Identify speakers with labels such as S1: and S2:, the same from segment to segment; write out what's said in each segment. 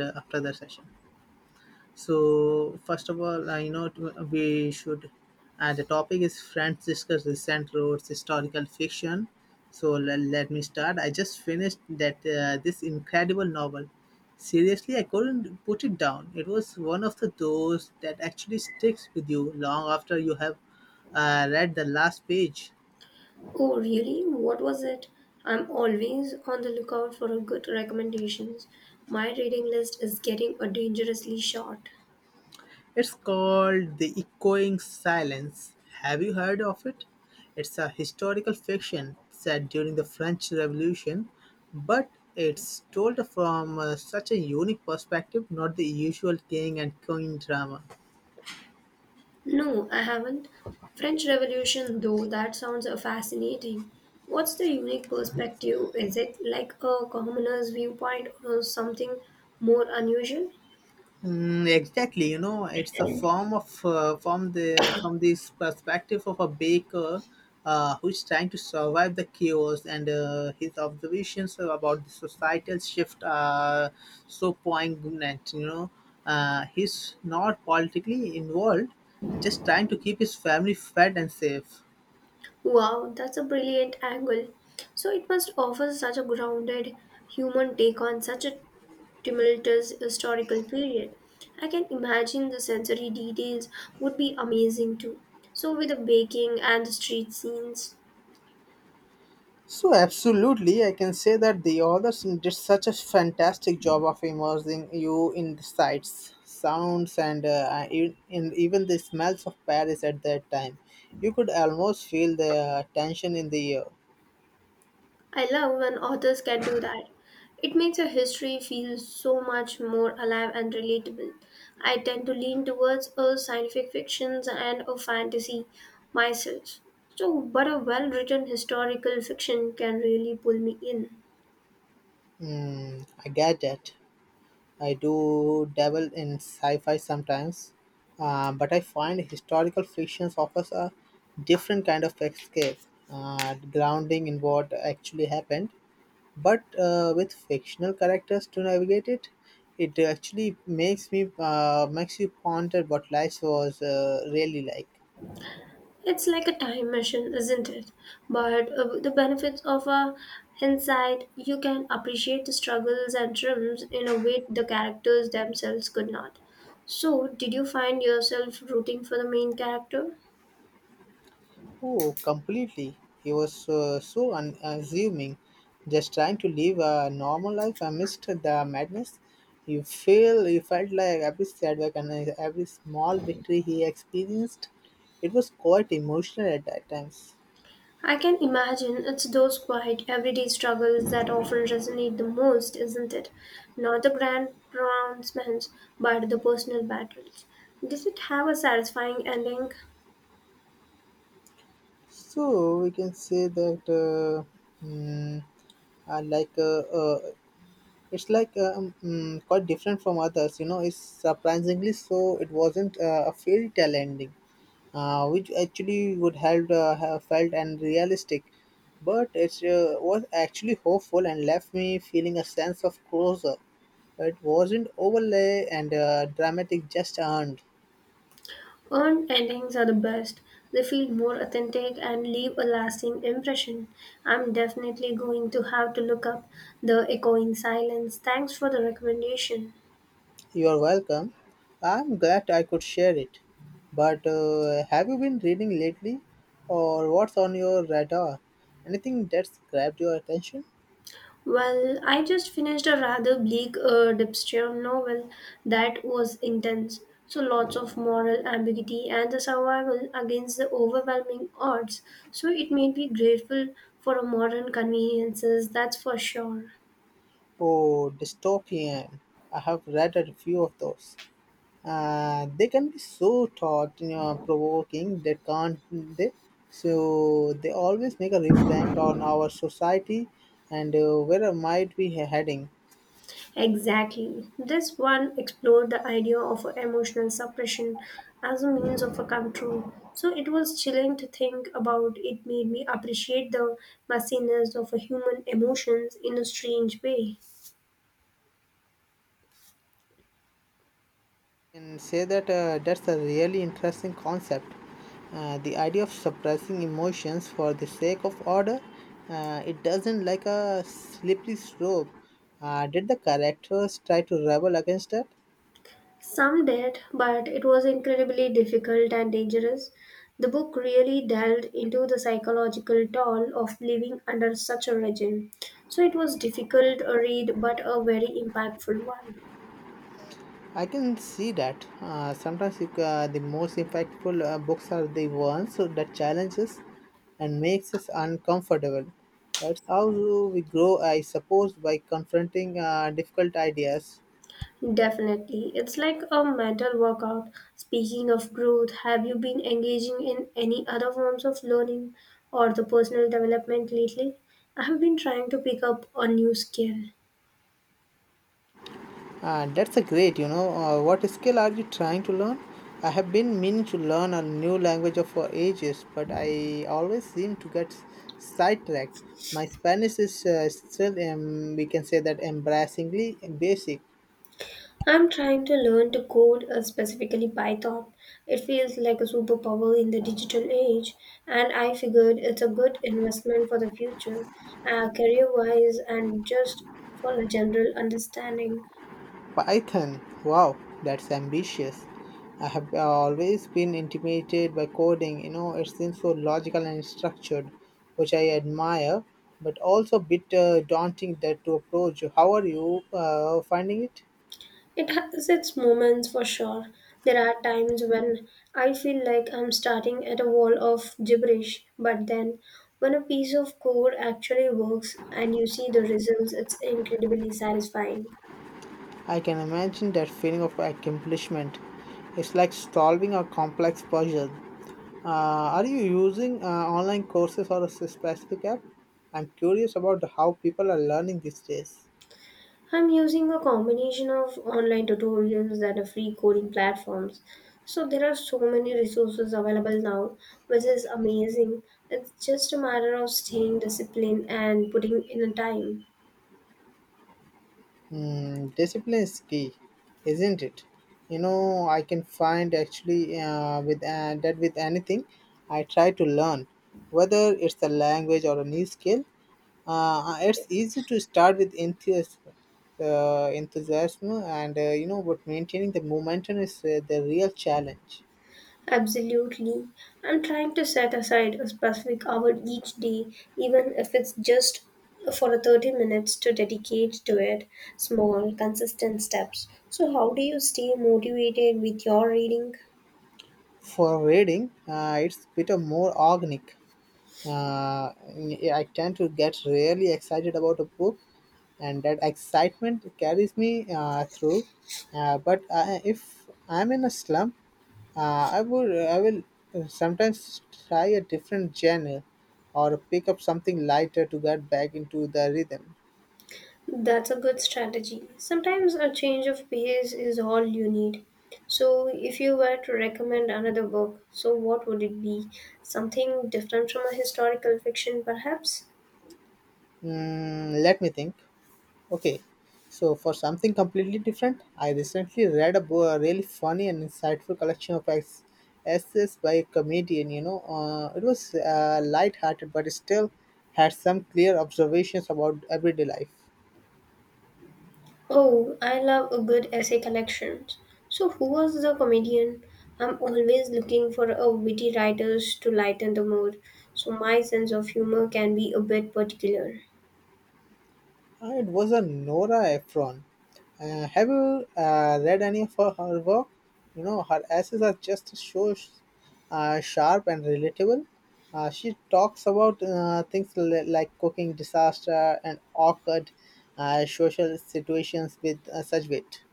S1: After the session. So first of all, I know we should. The topic is friends discuss recent roads historical fiction. So let me start. I just finished that this incredible novel. Seriously, I couldn't put it down. It was one of the those that actually sticks with you long after you have read the last page.
S2: Oh, really? What was it? I'm always on the lookout for a good recommendations. My reading list is getting a dangerously short.
S1: It's called The Echoing Silence. Have you heard of it? It's a historical fiction set during the French Revolution, but it's told from such a unique perspective, not the usual king and queen drama.
S2: No, I haven't. French Revolution though, that sounds fascinating. What's the unique perspective? Is it like a commoner's viewpoint or something more unusual?
S1: Mm, exactly, it's a form of from this perspective of a baker, who's trying to survive the chaos, and his observations about the societal shift are so poignant. He's not politically involved, just trying to keep his family fed and safe.
S2: Wow, that's a brilliant angle. So it must offer such a grounded human take on such a tumultuous historical period. I can imagine the sensory details would be amazing too. So, with the baking and the street scenes,
S1: So absolutely, I can say that the authors did such a fantastic job of immersing you in the sights, sounds, and in even the smells of Paris at that time. You could almost feel the tension in the air.
S2: I love when authors can do that. It makes a history feel so much more alive and relatable. I tend to lean towards a scientific fictions and a fantasy myself. So, but a well written historical fiction can really pull me in.
S1: Mm, I get that. I do dabble in sci-fi sometimes, but I find historical fiction offers a different kind of escape, grounding in what actually happened but with fictional characters to navigate it. It actually makes you ponder what life was really like.
S2: It's like a time machine, isn't it? But the benefits of a hindsight, you can appreciate the struggles and triumphs in a way the characters themselves could not. So, did you find yourself rooting for the main character?
S1: Oh, completely. He was so unassuming, just trying to live a normal life. I missed the madness. You felt like every setback and every small victory he experienced. It was quite emotional at that times.
S2: I can imagine it's those quiet, everyday struggles that often resonate the most, isn't it? Not the grand pronouncements, but the personal battles. Did it have a satisfying ending?
S1: So we can say that mm, like it's like mm, quite different from others. You know, it's surprisingly so. It wasn't a fairy tale ending, which actually would help have felt and realistic, but it was actually hopeful and left me feeling a sense of closure. It wasn't overlay and dramatic, just earned.
S2: Earned endings are the best. They feel more authentic and leave a lasting impression. I'm definitely going to have to look up The Echoing Silence. Thanks for the recommendation.
S1: You're welcome. I'm glad I could share it. But have you been reading lately? Or what's on your radar? Anything that's grabbed your attention?
S2: Well, I just finished a rather bleak dystopian novel that was intense. So lots of moral ambiguity and the survival against the overwhelming odds. So it made me grateful for modern conveniences, that's for sure.
S1: Oh, dystopian. I have read a few of those. They can be so thought provoking. That can't they so they always make a reflect on our society and where might we heading.
S2: Exactly. This one explored the idea of emotional suppression as a means of a control. So it was chilling to think about. It made me appreciate the messiness of a human emotions in a strange way.
S1: Can say that that's a really interesting concept. The idea of suppressing emotions for the sake of order, it doesn't like a slippery slope. Did the characters try to rebel against that?
S2: Some did, but it was incredibly difficult and dangerous. The book really delved into the psychological toll of living under such a regime. So it was difficult a read but a very impactful one.
S1: I can see that. Sometimes the most impactful books are the ones that challenges and makes us uncomfortable. That's how we grow, I suppose, by confronting difficult ideas.
S2: Definitely. It's like a mental workout. Speaking of growth, have you been engaging in any other forms of learning or the personal development lately? I have been trying to pick up a new skill.
S1: That's a great, you know. What skill are you trying to learn? I have been meaning to learn a new language for ages, but I always seem to get sidetracked. My Spanish is still, we can say that, embarrassingly basic.
S2: I'm trying to learn to code, specifically Python. It feels like a superpower in the digital age, and I figured it's a good investment for the future, career wise, and just for a general understanding.
S1: Python, wow, that's ambitious. I have always been intimidated by coding. You know, it seems so logical and structured, which I admire, but also a bit daunting that to approach. How are you finding it?
S2: It has its moments for sure. There are times when I feel like I'm starting at a wall of gibberish, but then when a piece of code actually works and you see the results, it's incredibly satisfying.
S1: I can imagine that feeling of accomplishment. It's like solving a complex puzzle. Are you using online courses or a specific app? I'm curious about how people are learning these days.
S2: I'm using a combination of online tutorials and a free coding platforms. So there are so many resources available now, which is amazing. It's just a matter of staying disciplined and putting in a time.
S1: Mm, discipline is key, isn't it? You know, I can find actually with that with anything I try to learn, whether it's a language or a new skill. It's easy to start with enthusiasm, and but maintaining the momentum is the real challenge.
S2: Absolutely. I'm trying to set aside a specific hour each day, even if it's just for a 30 minutes to dedicate to it, small, consistent steps. So, how do you stay motivated with your reading?
S1: For reading, it's bit of more organic. uh, yeah, I tend to get really excited about a book, and that excitement carries me through. But if I'm in a slump, I will sometimes try a different genre or pick up something lighter to get back into the rhythm.
S2: That's a good strategy. Sometimes a change of pace is all you need. So, if you were to recommend another book, so what would it be? Something different from a historical fiction, perhaps?
S1: Mm, let me think. Okay, so for something completely different, I recently read a really funny and insightful collection of essays by a comedian. It was light-hearted, but it still had some clear observations about everyday life.
S2: Oh, I love a good essay collection. So, who was the comedian? I'm always looking for a witty writers to lighten the mood, so my sense of humor can be a bit particular.
S1: It was a Nora Ephron. Have you read any of her work? You know, her essays are just so sharp and relatable. She talks about things like cooking disaster and awkward social situations with such wit.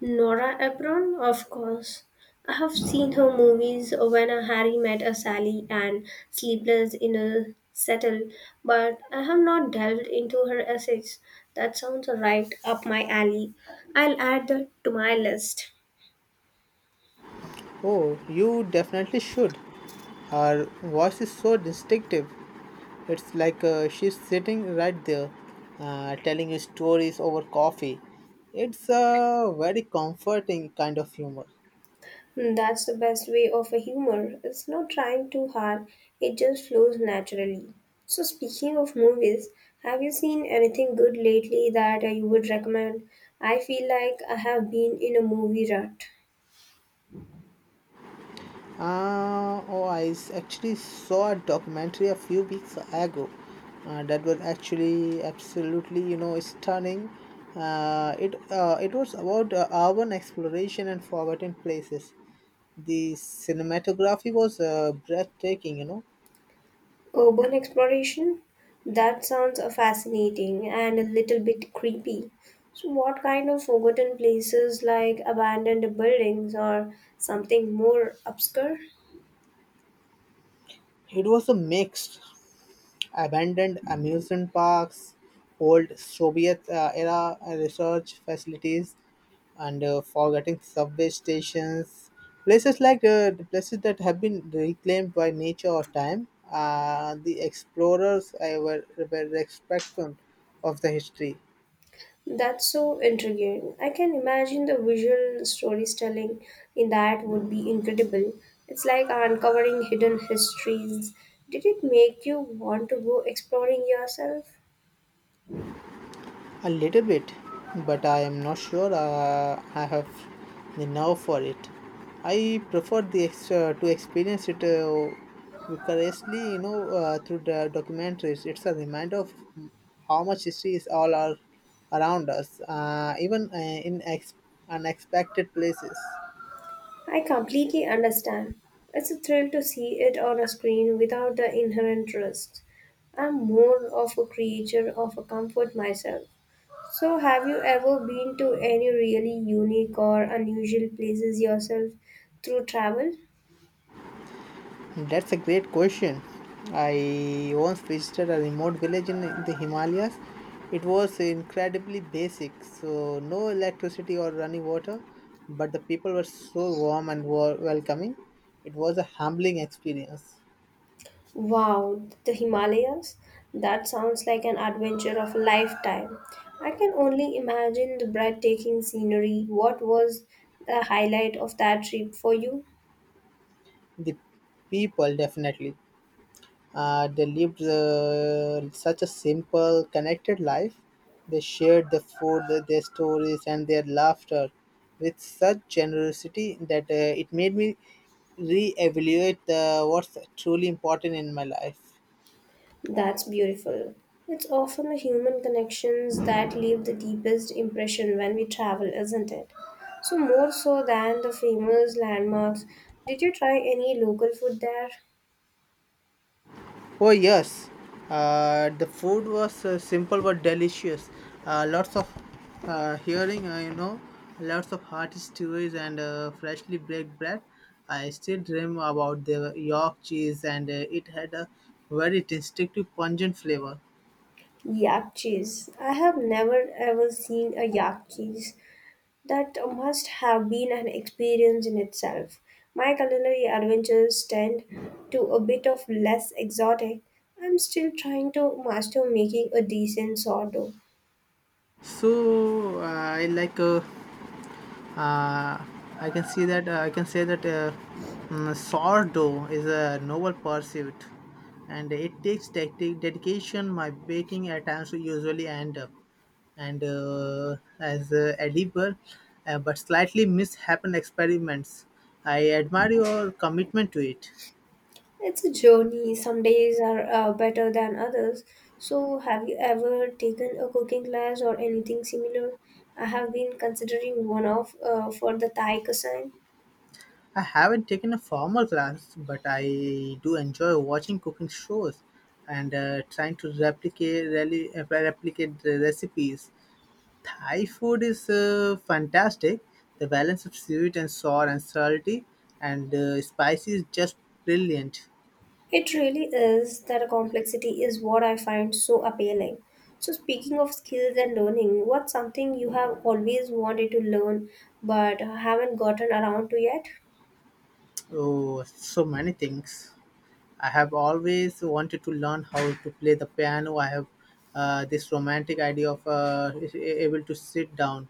S2: Nora Ephron, of course. I have seen her movies When a Harry Met a Sally and Sleepless in a Settle, but I have not delved into her essays. That sounds right up my alley. I'll add that to my list.
S1: Oh, you definitely should. Her voice is so distinctive. It's like she's sitting right there, telling you stories over coffee. It's a very comforting kind of humor.
S2: Hmm, that's the best way of a humor. It's not trying too hard, it just flows naturally. So, speaking of movies, have you seen anything good lately that you would recommend? I feel like I have been in a movie rut.
S1: Oh, actually saw a documentary a few weeks ago that was actually absolutely, you know, stunning. It it was about urban exploration and forgotten places. The cinematography was breathtaking. You know,
S2: Urban exploration? That sounds fascinating and a little bit creepy. So, what kind of forgotten places like abandoned buildings or something more obscure?
S1: it was a mix. Abandoned amusement parks, old Soviet era research facilities, and forgotten subway stations. Places like the places that have been reclaimed by nature or time. The explorers were the spectrum of the history.
S2: That's so intriguing. I can imagine the visual storytelling in that would be incredible. It's like uncovering hidden histories. Did it make you want to go exploring yourself?
S1: A little bit, but I am not sure I have the nerve for it. I prefer to experience it vicariously, you know, through the documentaries. It's a reminder of how much history is around us, even in unexpected places.
S2: I completely understand. It's a thrill to see it on a screen without the inherent risk. I'm more of a creature of a comfort myself. So, have you ever been to any really unique or unusual places yourself through travel?
S1: That's a great question. I once visited a remote village in the Himalayas. It was incredibly basic, so no electricity or running water, but the people were so warm and welcoming. It was a humbling experience.
S2: Wow, the Himalayas? That sounds like an adventure of a lifetime. I can only imagine the breathtaking scenery. What was the highlight of that trip for you?
S1: The people, definitely. They lived such a simple, connected life. They shared the food, their stories, and their laughter with such generosity that it made me re-evaluate the, what's truly important in my life.
S2: That's beautiful. It's often the human connections that leave the deepest impression when we travel, isn't it? So, more so than the famous landmarks, did you try any local food there?
S1: Oh yes, the food was simple but delicious. Lots of hearing, you know, lots of hearty stews and freshly baked bread. I still dream about the York cheese, and it had a very distinctive pungent flavor.
S2: Yak cheese. I have never ever seen a yak cheese. That must have been an experience in itself. My culinary adventures tend to a bit of less exotic. I'm still trying to master making a decent sourdough.
S1: So I like uh, I can see that I can say that mm, Sourdough is a noble pursuit, and it takes tactic dedication. My baking attempts usually end up and as edible, but slightly mishappen experiments. I admire your commitment to it.
S2: It's a journey. Some days are better than others. So, have you ever taken a cooking class or anything similar? I have been considering one of for the Thai cuisine.
S1: I haven't taken a formal class, but I do enjoy watching cooking shows and trying to replicate replicate the recipes. Thai food is fantastic. The balance of sweet and sour and salty and spicy is just brilliant.
S2: It really is that complexity is what I find so appealing. So, speaking of skills and learning, what's something you have always wanted to learn but haven't gotten around to yet?
S1: Oh, so many things. I have always wanted to learn how to play the piano. I have this romantic idea of able to sit down